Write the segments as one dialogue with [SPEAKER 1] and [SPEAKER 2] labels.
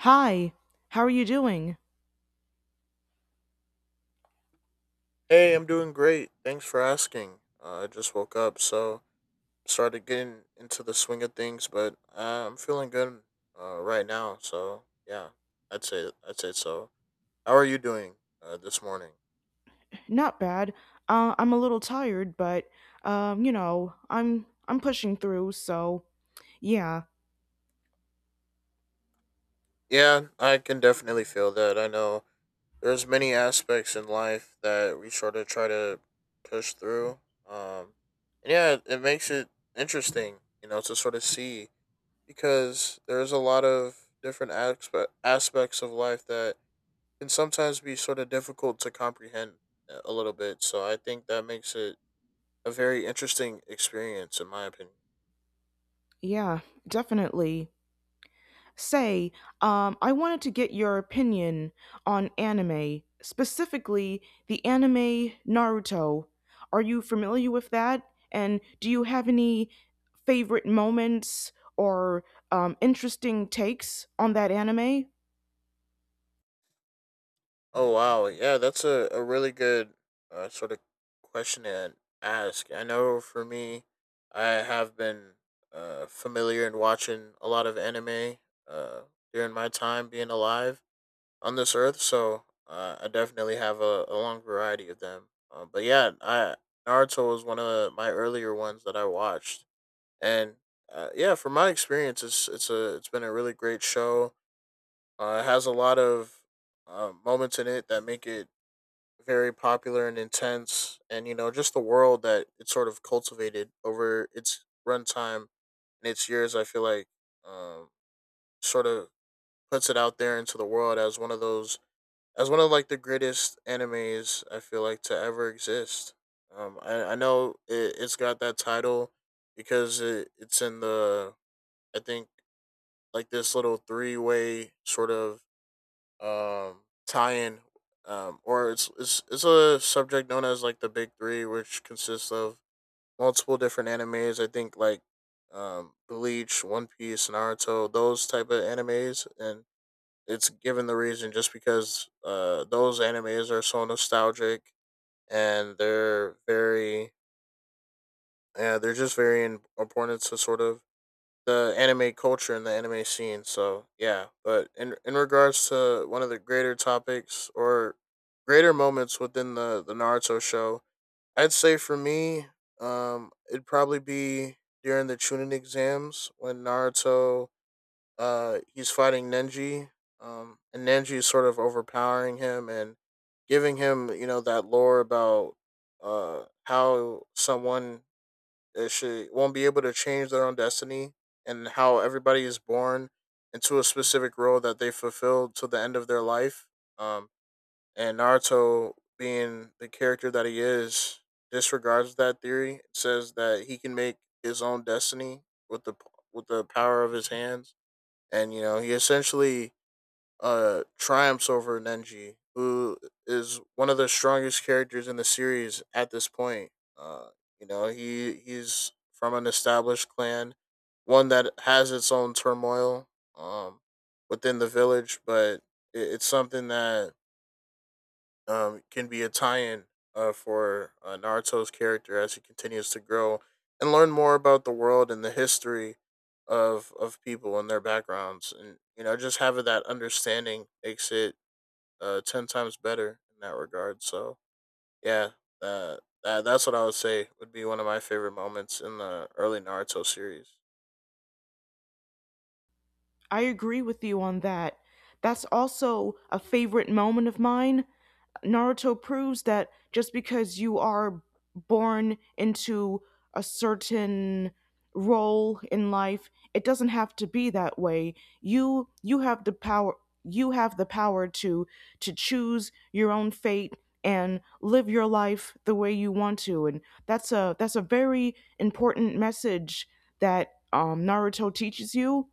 [SPEAKER 1] Hi, how are you doing?
[SPEAKER 2] Hey, I'm doing great. Thanks for asking. I just woke up, so started getting into the swing of things, but I'm feeling good right now. So yeah, I'd say so. How are you doing this morning?
[SPEAKER 1] Not bad. I'm a little tired, but I'm pushing through. So yeah,
[SPEAKER 2] Yeah, I can definitely feel that. I know there's many aspects in life that we sort of try to push through. Um, and yeah, it makes it interesting, to sort of see because there's a lot of different aspects of life that can sometimes be sort of difficult to comprehend a little bit. So I think that makes it a very interesting experience, in my opinion.
[SPEAKER 1] yeah, definitely. Say, I wanted to get your opinion on anime, specifically the anime Naruto. Are you familiar with that? And do you have any favorite moments or interesting takes on that anime?
[SPEAKER 2] Oh, wow. Yeah, that's a really good sort of question to ask. I know for me, I have been familiar and watching a lot of anime uh, during my time being alive on this earth. So I definitely have a long variety of them. But yeah, I Naruto was one of my earlier ones that I watched and yeah, from my experience, it's been a really great show. It has a lot of moments in it that make it very popular and intense, and you know just the world that it sort of cultivated over its runtime and its years. I feel like um, sort of puts it out there into the world as one of those as one of like the greatest animes I feel like to ever exist. I know it's got that title because it's in the I think like this little three-way sort of um tie in or it's a subject known as like the big three, which consists of multiple different animes. I think like Bleach, One Piece, Naruto, those type of animes, and it's given the reason just because those animes are so nostalgic, and they're very yeah, they're just very important to sort of the anime culture and the anime scene. So yeah, but in regards to one of the greater topics or greater moments within the Naruto show, I'd say for me, it'd probably be during the Chunin exams when Naruto, he's fighting Nenji, and Nenji is sort of overpowering him and giving him you know that lore about how someone it should won't be able to change their own destiny, and how everybody is born into a specific role that they fulfill to the end of their life. Um, and Naruto, being the character that he is, disregards that theory. It says that he can make his own destiny with the power of his hands, and you know he essentially triumphs over Nenji, who is one of the strongest characters in the series at this point. You know, he's from an established clan, one that has its own turmoil um within the village, but it's something that can be a tie-in for Naruto's character as he continues to grow and learn more about the world and the history of people and their backgrounds, and you know just having that understanding makes it 10 times better in that regard. So yeah, uh, that's what I would say would be one of my favorite moments in the early Naruto series.
[SPEAKER 1] I agree with you on that. That's also a favorite moment of mine. Naruto proves that just because you are born into a certain role in life, it doesn't have to be that way. You have the power, you have the power to choose your own fate and live your life the way you want to, and that's a very important message that Naruto teaches you.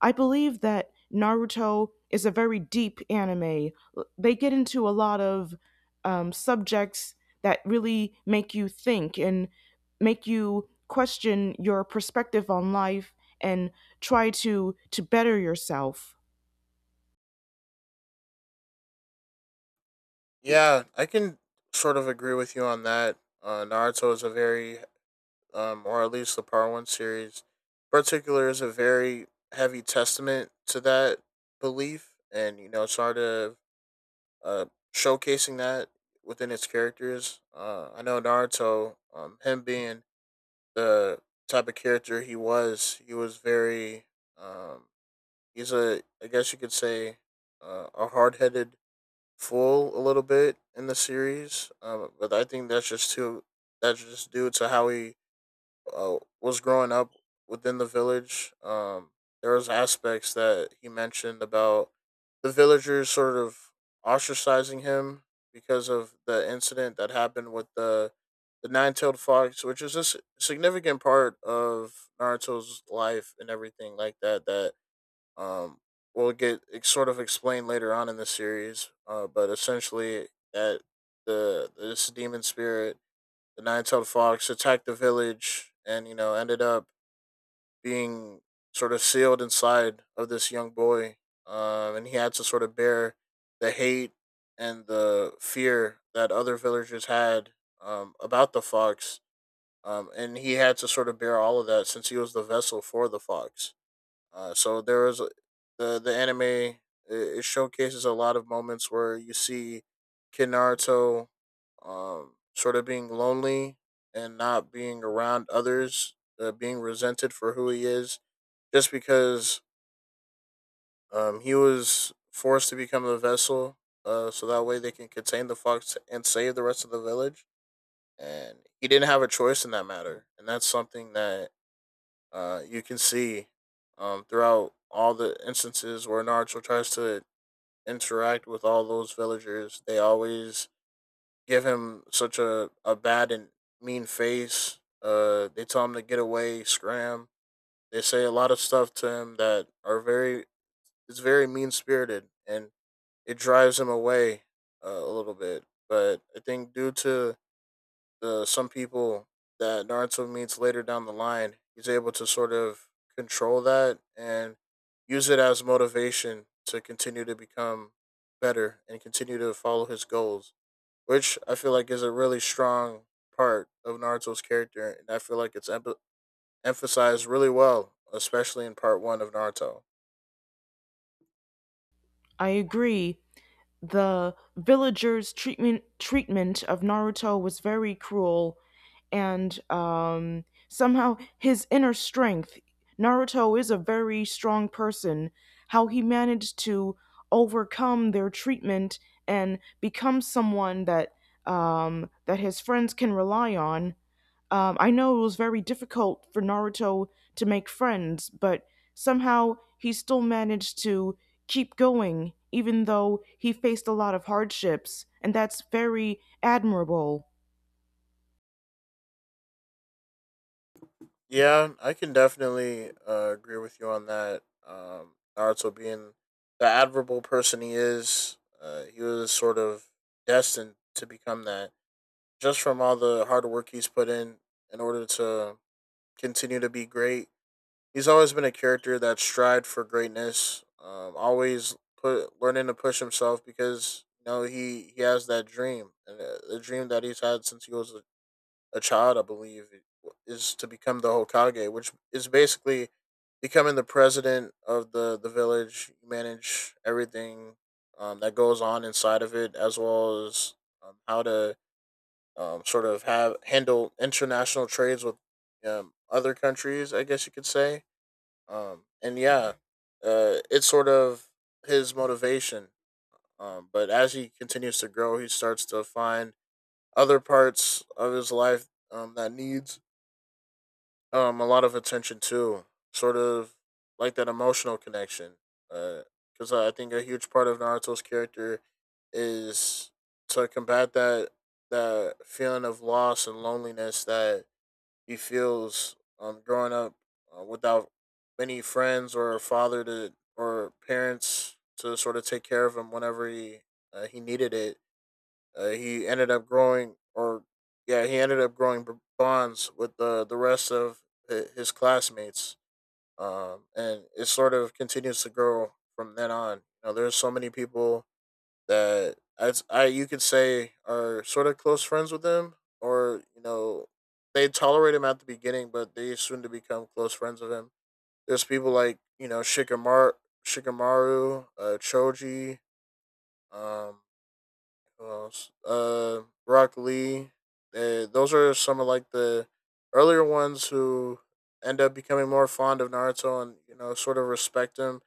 [SPEAKER 1] I believe that Naruto is a very deep anime. They get into a lot of subjects that really make you think and make you question your perspective on life and try to better yourself.
[SPEAKER 2] Yeah, I can sort of agree with you on that. Naruto is a very, or at least the Part One series, in particular, is a very heavy testament to that belief, and you know, sort of uh, showcasing that within its characters. I know Naruto, him being the type of character he was. He was very um he's a I guess you could say a hard headed fool a little bit in the series. But I think that's just due to how he was growing up within the village. There was aspects that he mentioned about the villagers sort of ostracizing him because of the incident that happened with the nine tailed fox, which is significant part of Naruto's life and everything like that. That um, will get sort of explained later on in the series. But essentially, that the this demon spirit, the nine-tailed fox, attacked the village, and you know ended up being sort of sealed inside of this young boy, and he had to sort of bear the hate and the fear that other villagers had about the fox, and he had to sort of bear all of that since he was the vessel for the fox. So there is the anime. It showcases a lot of moments where you see Kid Naruto, sort of being lonely and not being around others, being resented for who he is, just because he was forced to become the vessel. So that way they can contain the fox and save the rest of the village. And he didn't have a choice in that matter, and that's something that you can see throughout all the instances where Naruto tries to interact with all those villagers, they always give him such a bad and mean face. They tell him to get away, scram. They say a lot of stuff to him that are very, it's very mean spirited, and it drives him away a little bit. But I think due to the some people that Naruto meets later down the line, he's able to sort of control that and use it as motivation to continue to become better and continue to follow his goals, which I feel like is a really strong part of Naruto's character, and I feel like it's emphasized really well, especially in part one of Naruto.
[SPEAKER 1] I agree, the villagers' treatment of Naruto was very cruel, and somehow his inner strength. Naruto is a very strong person. How he managed to overcome their treatment and become someone that, that his friends can rely on. I know it was very difficult for Naruto to make friends, but somehow, he still managed to keep going, even though he faced a lot of hardships, and that's very admirable.
[SPEAKER 2] Yeah, I can definitely agree with you on that. Naruto being the admirable person he is, he was sort of destined to become that just from all the hard work he's put in order to continue to be great. He's always been a character that strived for greatness, always put learning to push himself, because you know he has that dream, and the dream that he's had since he was a child, I believe, is to become the Hokage, which is basically becoming the president of the village. You manage everything that goes on inside of it, as well as how to sort of have handle international trades with other countries. I guess you could say. And yeah, it's sort of his motivation. But as he continues to grow, he starts to find other parts of his life that needs a lot of attention too, sort of like that emotional connection. Because I think a huge part of Naruto's character is to combat that feeling of loss and loneliness that he feels growing up without many friends or a father to or parents to sort of take care of him whenever he needed it. He ended up growing, or yeah, he ended up growing bonds with the rest of his classmates, and it sort of continues to grow from then on. You know, there's so many people that I you could say are sort of close friends with him, or you know, they tolerate him at the beginning, but they soon to become close friends with him. There's people like you know Shikamaru, Choji, um, Rock Lee. Those are some of like the earlier ones who end up becoming more fond of Naruto, and you know sort of respect him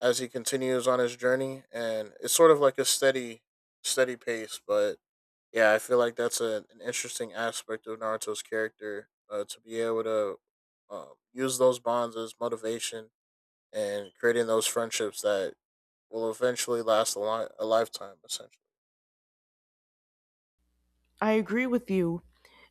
[SPEAKER 2] as he continues on his journey. And it's sort of like a steady, steady pace. But yeah, I feel like that's an interesting aspect of Naruto's character, to be able to use those bonds as motivation and creating those friendships that will eventually last a lifetime. Essentially.
[SPEAKER 1] I agree with you,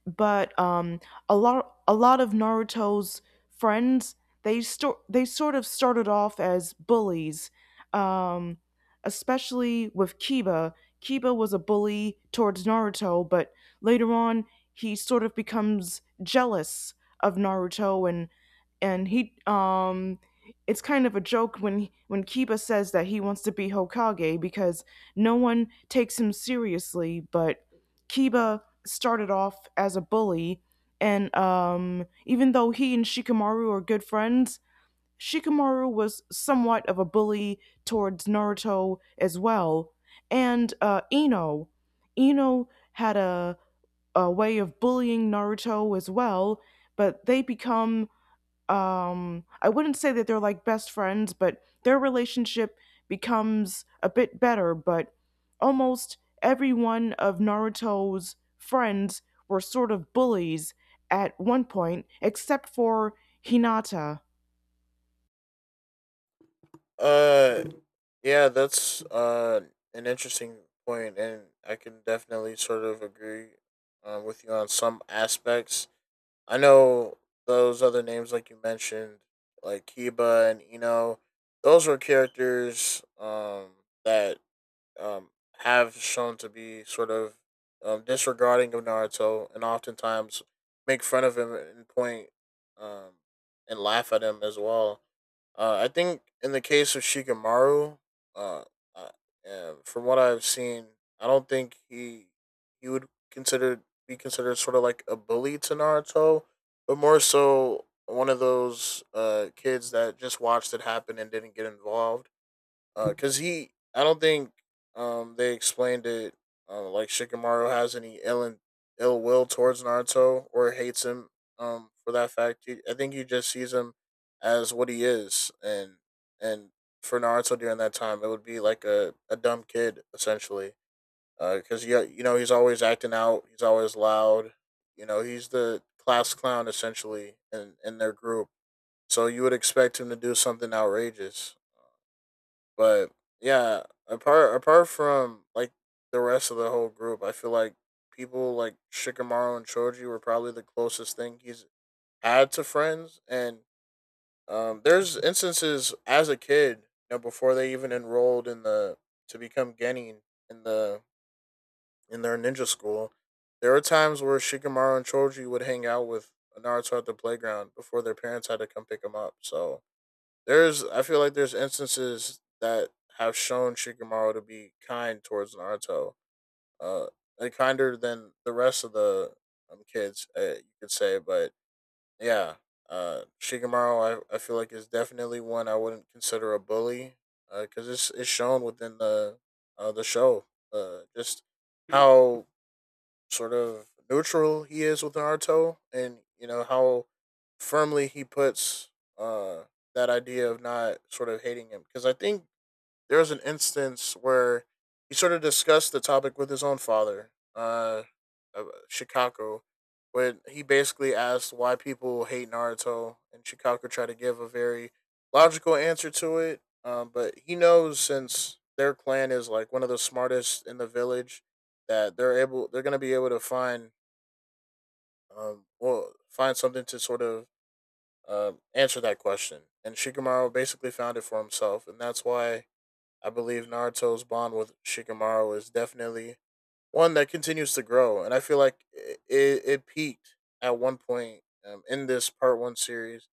[SPEAKER 1] but a lot of Naruto's friends, they sort of started off as bullies, um, especially with Kiba. Kiba was a bully towards Naruto, but later on he sort of becomes jealous of Naruto, and he it's kind of a joke when Kiba says that he wants to be Hokage because no one takes him seriously, but Kiba started off as a bully, and even though he and Shikamaru are good friends, Shikamaru was somewhat of a bully towards Naruto as well. And Ino, Ino had a way of bullying Naruto as well, but they become, I wouldn't say that they're like best friends, but their relationship becomes a bit better. But almost every one of Naruto's friends were sort of bullies at one point, except for Hinata.
[SPEAKER 2] Uh, yeah, that's an interesting point, and I can definitely sort of agree with you on some aspects. I know those other names, like you mentioned, like Kiba and Eno, those were characters that um, have shown to be sort of disregarding of Naruto, and oftentimes make fun of him and point um, and laugh at him as well. I think in the case of Shikamaru, uh, uh, from what I've seen, I don't think he would consider be considered sort of like a bully to Naruto, but more so one of those kids that just watched it happen and didn't get involved because he, I don't think they explained it, like Shikamaru has any ill and ill will towards Naruto or hates him for that fact. He, I think he just sees him as what he is, and and for Naruto during that time, it would be like a dumb kid essentially, because you know he's always acting out, he's always loud, you know he's the class clown essentially in their group. So you would expect him to do something outrageous, but yeah, apart from like the rest of the whole group, I feel like people like Shikamaru and Choji were probably the closest thing he's had to friends. And there's instances as a kid, you know, before they even enrolled in the, to become genin in the, in their ninja school, there were times where Shikamaru and Choji would hang out with Naruto at the playground before their parents had to come pick him up. So there's, I feel like there's instances that have shown Shikamaru to be kind towards Naruto, uh, and kinder than the rest of the kids, you could say. But yeah, Shikamaru, I feel like is definitely one I wouldn't consider a bully, because it's shown within the show, just how sort of neutral he is with Naruto, and you know how firmly he puts uh, that idea of not sort of hating him. Because I think there was an instance where he sort of discussed the topic with his own father, of Chicago, where he basically asked why people hate Naruto, and Chicago tried to give a very logical answer to it. But he knows since their clan is like one of the smartest in the village, that they're gonna be able to find, well, find something to sort of answer that question. And Shikamaru basically found it for himself, and that's why I believe Naruto's bond with Shikamaru is definitely one that continues to grow, and I feel like it peaked at one point in this part one series.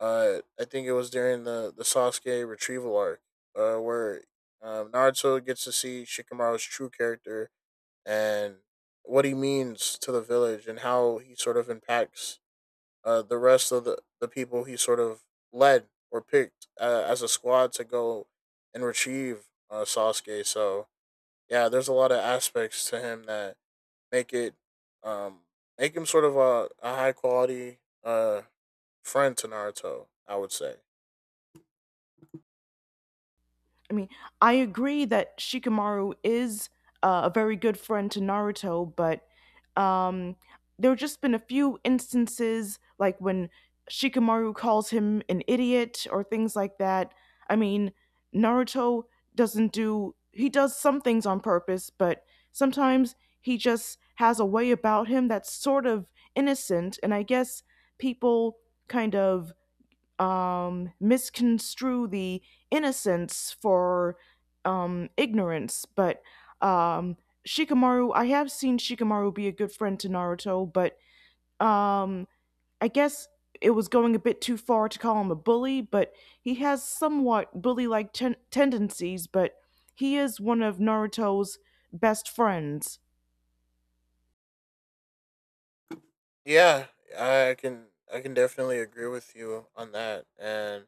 [SPEAKER 2] I think it was during the Sasuke retrieval arc, where Naruto gets to see Shikamaru's true character and what he means to the village and how he sort of impacts the rest of the people he sort of led or picked as a squad to go and retrieve Sasuke. So yeah, there's a lot of aspects to him that make it um, make him sort of a high quality friend to Naruto, I would say.
[SPEAKER 1] I mean, I agree that Shikamaru is a very good friend to Naruto, but um, there have just been a few instances, like when Shikamaru calls him an idiot or things like that. I mean, Naruto doesn't do, he does some things on purpose, but sometimes he just has a way about him that's sort of innocent, and I guess people kind of misconstrue the innocence for ignorance. But um, Shikamaru, I have seen Shikamaru be a good friend to Naruto, but um, I guess it was going a bit too far to call him a bully, but he has somewhat bully like tendencies, but he is one of Naruto's best friends.
[SPEAKER 2] Yeah, I can I can definitely agree with you on that. And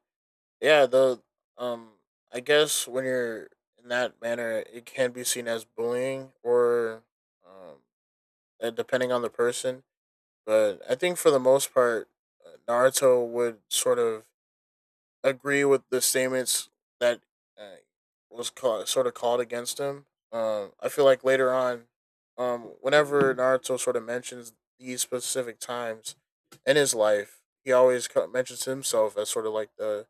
[SPEAKER 2] yeah, the um I guess when you're in that manner, it can be seen as bullying or, um, depending on the person. But I think for the most part, Naruto would sort of agree with the statements that uh, sort of called against him. I feel like later on, whenever Naruto sort of mentions these specific times in his life, he always mentions himself as sort of like the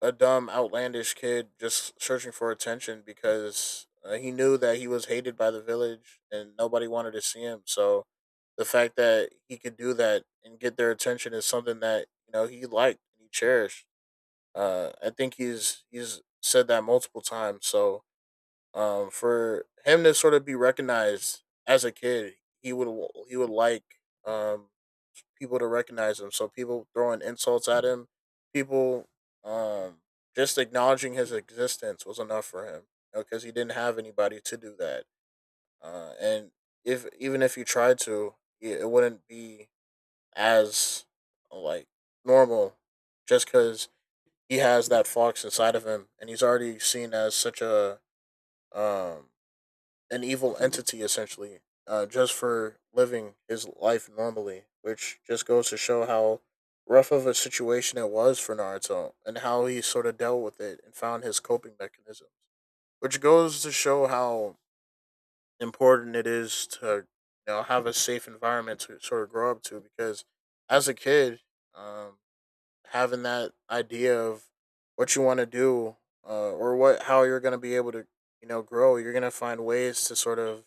[SPEAKER 2] a dumb, outlandish kid just searching for attention because he knew that he was hated by the village and nobody wanted to see him. So the fact that he could do that and get their attention is something that you know he liked and he cherished. I think he's said that multiple times. So for him to sort of be recognized as a kid, he would he would like, um, people to recognize him. So people throwing insults at him, people um just acknowledging his existence was enough for him because you know, he didn't have anybody to do that. And if even if you tried to, it wouldn't be as like normal just because he has that fox inside of him and he's already seen as such a um an evil entity essentially, just for living his life normally, which just goes to show how rough of a situation it was for Naruto and how he sort of dealt with it and found his coping mechanisms, which goes to show how important it is to you know have a safe environment to sort of grow up to, because as a kid, um, having that idea of what you want to do, or what how you're going to be able to you know grow, you're going to find ways to sort of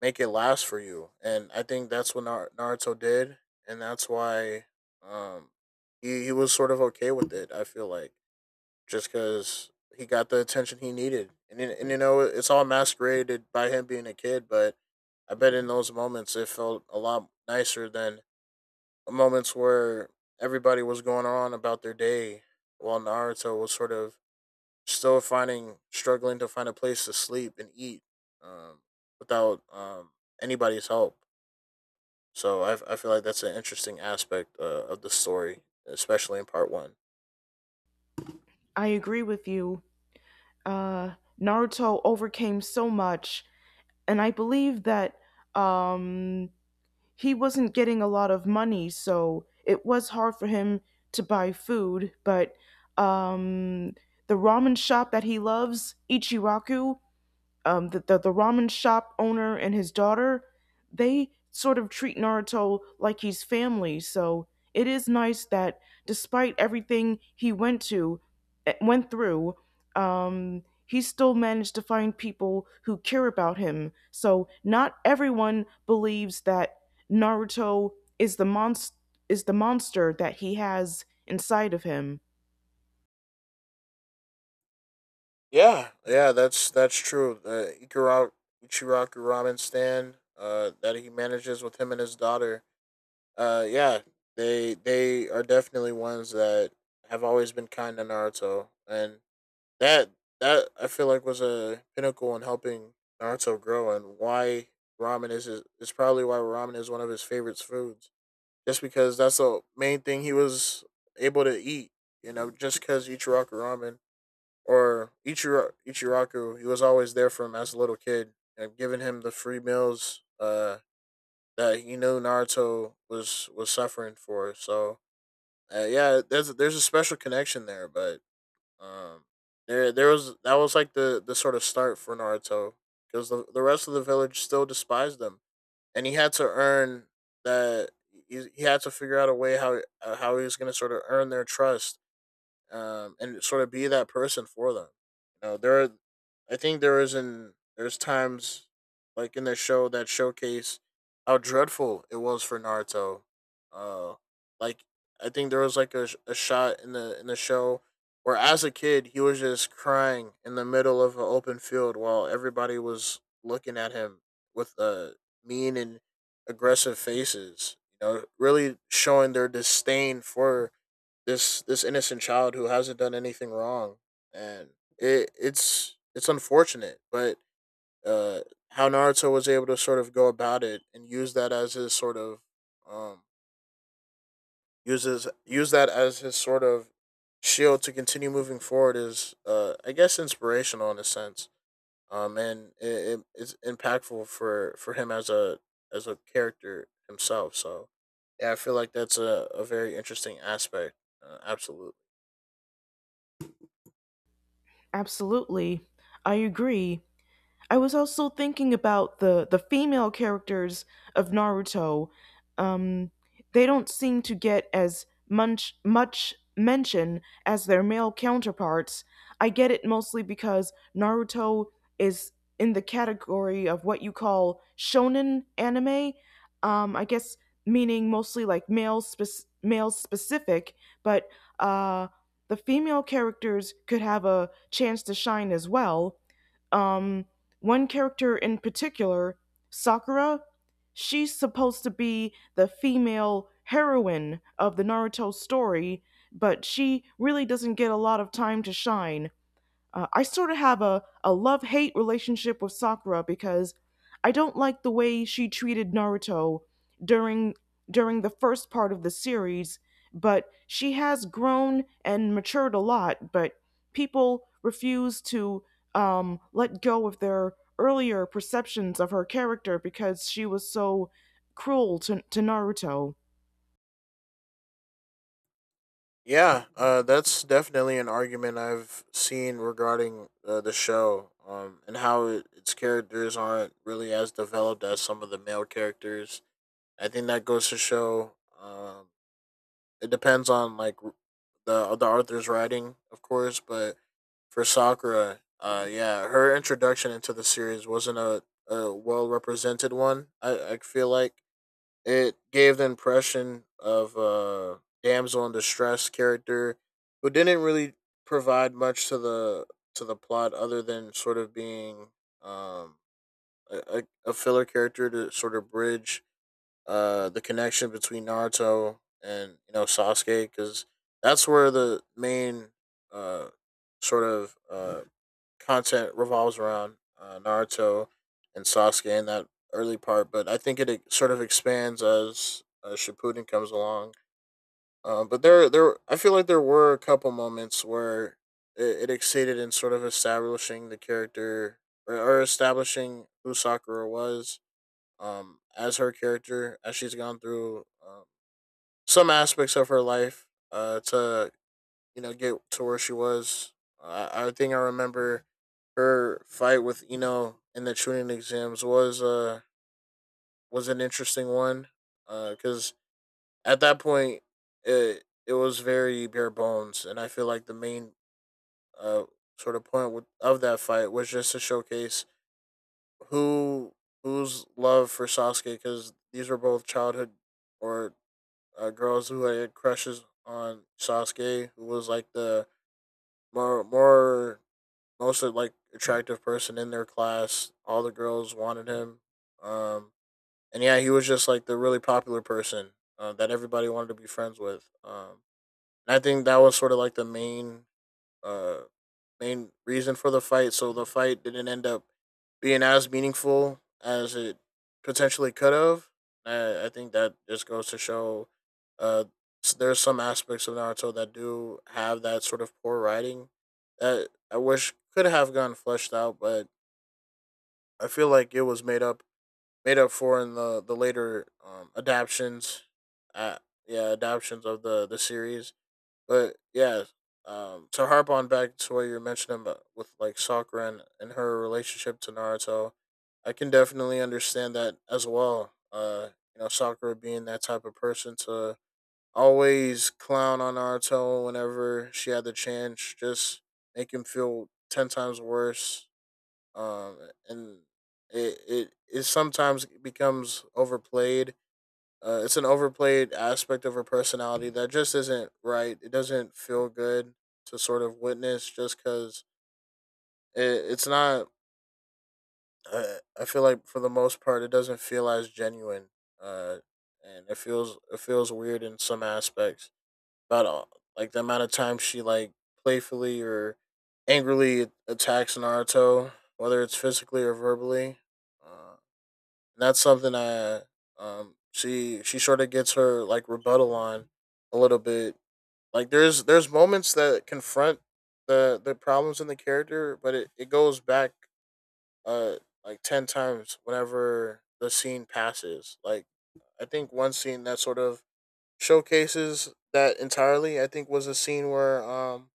[SPEAKER 2] make it last for you. And I think that's what Naruto did, and that's why um he was sort of okay with it. I feel like just because he got the attention he needed, and you know it's all masqueraded by him being a kid, but I bet in those moments it felt a lot nicer than the moments where everybody was going on about their day while Naruto was sort of still finding struggling to find a place to sleep and eat, um, without anybody's help. So I feel like that's an interesting aspect of the story, especially in part one.
[SPEAKER 1] I agree with you. Uh, Naruto overcame so much, and I believe that, um, he wasn't getting a lot of money, so it was hard for him to buy food. But um, the ramen shop that he loves, Ichiraku, the ramen shop owner and his daughter, they sort of treat Naruto like he's family. So it is nice that despite everything he went to, eh, went through, he still managed to find people who care about him. So not everyone believes that Naruto is is the monster that he has inside of him.
[SPEAKER 2] Yeah, yeah, that's true. The Ichiraku ramen stand that he manages with him and his daughter. Yeah, they are definitely ones that have always been kind to Naruto, and that that I feel like was a pinnacle in helping Naruto grow, and why ramen is his, is probably why ramen is one of his favorite foods, just because that's the main thing he was able to eat. You know, just because Ichiraku Ramen or Ichiraku, he was always there for him as a little kid, and giving him the free meals that he knew Naruto was suffering for. So yeah, there's a special connection there, but um, there there was that was like the sort of start for Naruto, because the rest of the village still despised them and he had to earn that. He had to figure out a way how, how he was going to sort of earn their trust and sort of be that person for them. You know, I think there is an, there's times like in the show that showcase how dreadful it was for Naruto. Uh, like I think there was like a shot in the, in the show where as a kid he was just crying in the middle of an open field while everybody was looking at him with mean and aggressive faces. You know, really showing their disdain for this, this innocent child who hasn't done anything wrong, and it's unfortunate, but uh, how Naruto was able to sort of go about it and use that as his sort of um use that as his sort of shield to continue moving forward is I guess inspirational in a sense. It's impactful for him as a, as a character himself. So yeah, I feel like that's a very interesting aspect. Absolutely.
[SPEAKER 1] Absolutely, I agree. I was also thinking about the female characters of Naruto. Um, they don't seem to get as much mention as their male counterparts. I get it, mostly because Naruto is in the category of what you call shonen anime. I guess meaning mostly like male specific, but uh, the female characters could have a chance to shine as well. Um, one character in particular, Sakura, she's supposed to be the female heroine of the Naruto story, but she really doesn't get a lot of time to shine. I sort of have a love hate relationship with Sakura because I don't like the way she treated Naruto during during the first part of the series, but she has grown and matured a lot, but people refuse to let go of their earlier perceptions of her character because she was so cruel to Naruto.
[SPEAKER 2] Yeah, that's definitely an argument I've seen regarding the show, and how its characters aren't really as developed as some of the male characters. I think that goes to show um, it depends on the Arthur's writing, of course, but for Sakura, yeah, her introduction into the series wasn't a well represented one. I feel like it gave the impression of a damsel in distress character who didn't really provide much to the, to the plot other than sort of being, um, a filler character to sort of bridge the connection between Naruto and you know Sasuke, because that's where the main uh, sort of uh, content revolves around Naruto and Sasuke in that early part, but I think it sort of expands as Shippuden comes along. There, I feel like there were a couple moments where it exceeded in sort of establishing the character or establishing who Sakura was, as her character as she's gone through some aspects of her life to you know, get to where she was. I think I remember her fight with Eno in the tuning exams was an interesting one, because at that point it was very bare bones, and I feel like the main uh of that fight was just to showcase who whose love for Sasuke, because these were both childhood, or girls who had crushes on Sasuke, who was like the more more most like attractive person in their class. All the girls wanted him. Um, and yeah, he was just like the really popular person that everybody wanted to be friends with. And I think that was sort of like the uh, main reason for the fight. So the fight didn't end up being as meaningful as it potentially could have. I think that just goes to show uh, there's some aspects of Naruto that do have that sort of poor writing that I wish could have gotten fleshed out, but I feel like it was made up for in the later adaptions. Uh, yeah, adaptions of the series. But yeah, to harp on back to what you were mentioning about with like Sakura and her relationship to Naruto, I can definitely understand that as well. Sakura being that type of person to always clown on Naruto whenever she had the chance, just make him feel ten times worse. Um, and it sometimes becomes overplayed, it's an overplayed aspect of her personality that just isn't right. It doesn't feel good to sort of witness just because it's not. I feel like for the most part, it doesn't feel as genuine. Uh, and it feels weird in some aspects about all, like the amount of time she like playfully or angrily attacks Naruto, whether it's physically or verbally. Uh, and that's something that she sort of gets her like rebuttal on a little bit. Like there's moments that confront the problems in the character, but it goes back uh like ten times whenever the scene passes. Like I think one scene that sort of showcases that entirely, I think was a scene where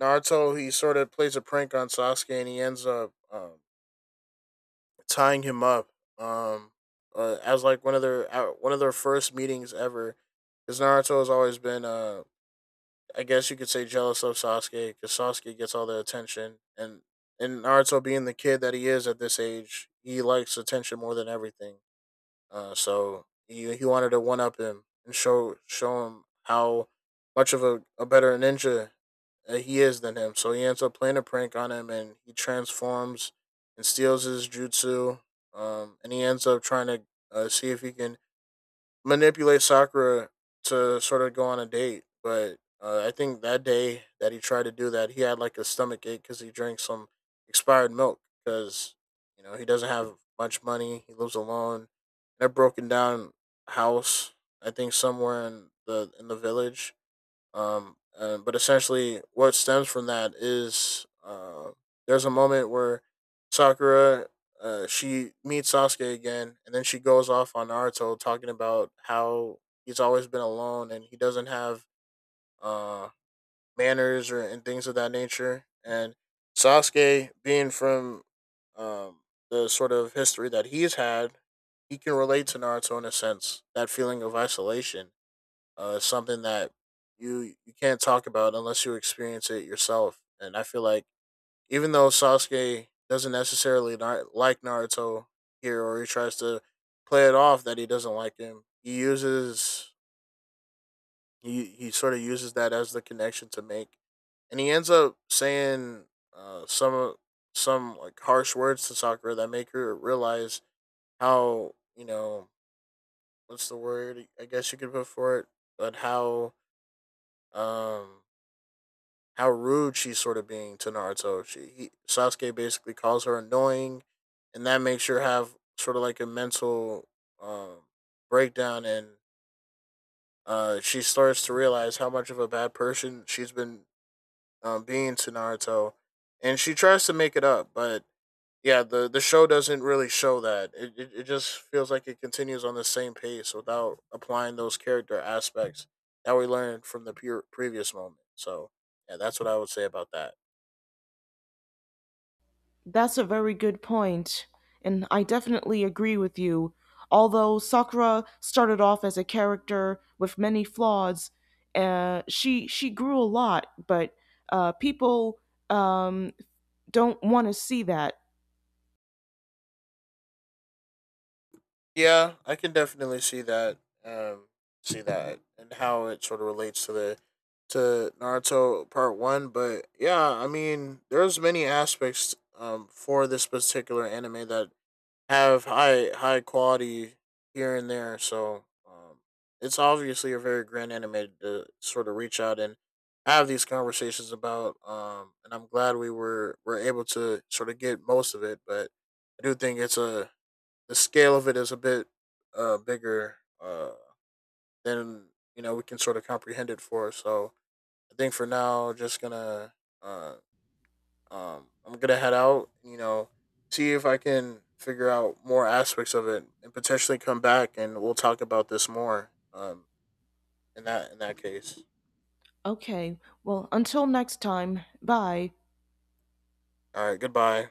[SPEAKER 2] Naruto he sort of plays a prank on Sasuke and he ends up tying him up, um as like one of their first meetings ever. Because Naruto has always been I guess you could say jealous of Sasuke because Sasuke gets all the attention, and Naruto being the kid that he is at this age, he likes attention more than everything. So he wanted to one up him and show him how much of a better ninja he is than him. So he ends up playing a prank on him, and he transforms and steals his jutsu. And he ends up trying to, see if he can manipulate Sakura to sort of go on a date, but I think that day that he tried to do that, he had like a stomach ache because he drank some expired milk because you know he doesn't have much money, he lives alone in a broken down house. I think somewhere in the village, but essentially, what stems from that is, there's a moment where Sakura, she meets Sasuke again, and then she goes off on Naruto talking about how he's always been alone and he doesn't have, uh, manners or and things of that nature. And Sasuke, being from, um, the sort of history that he's had, he can relate to Naruto in a sense that feeling of isolation, it's something that you can't talk about unless you experience it yourself. And I feel like even though Sasuke doesn't like Naruto here, or he tries to play it off that he doesn't like him, he uses, he sort of uses that as the connection to make, and he ends up saying some like harsh words to Sakura that make her realize how, you know, what's the word I guess you could put for it, but how, um how rude she's sort of being to Naruto. Sasuke basically calls her annoying, and that makes her have sort of like a mental, um, breakdown, and, she starts to realize how much of a bad person she's been, being to Naruto, and she tries to make it up, but yeah, the show doesn't really show that. It just feels like it continues on the same pace without applying those character aspects that we learned from the pure previous moment. So yeah, that's what I would say about that.
[SPEAKER 1] That's a very good point, and I definitely agree with you. Although Sakura started off as a character with many flaws, she grew a lot, but people, um, don't want to see that.
[SPEAKER 2] Yeah, I can definitely see that. Um, See that and how it sort of relates to the, to Naruto Part One. But yeah, I mean, there's many aspects for this particular anime that have high quality here and there. So it's obviously a very grand anime to sort of reach out and have these conversations about. And I'm glad we were able to sort of get most of it, but. I do think it's a, the scale of it is a bit, bigger than you know we can sort of comprehend it for. So I think for now, just gonna, uh, I'm gonna head out. You know, see if I can figure out more aspects of it and potentially come back and we'll talk about this more. In that case,
[SPEAKER 1] Okay, well, until next time, bye.
[SPEAKER 2] all right. Goodbye.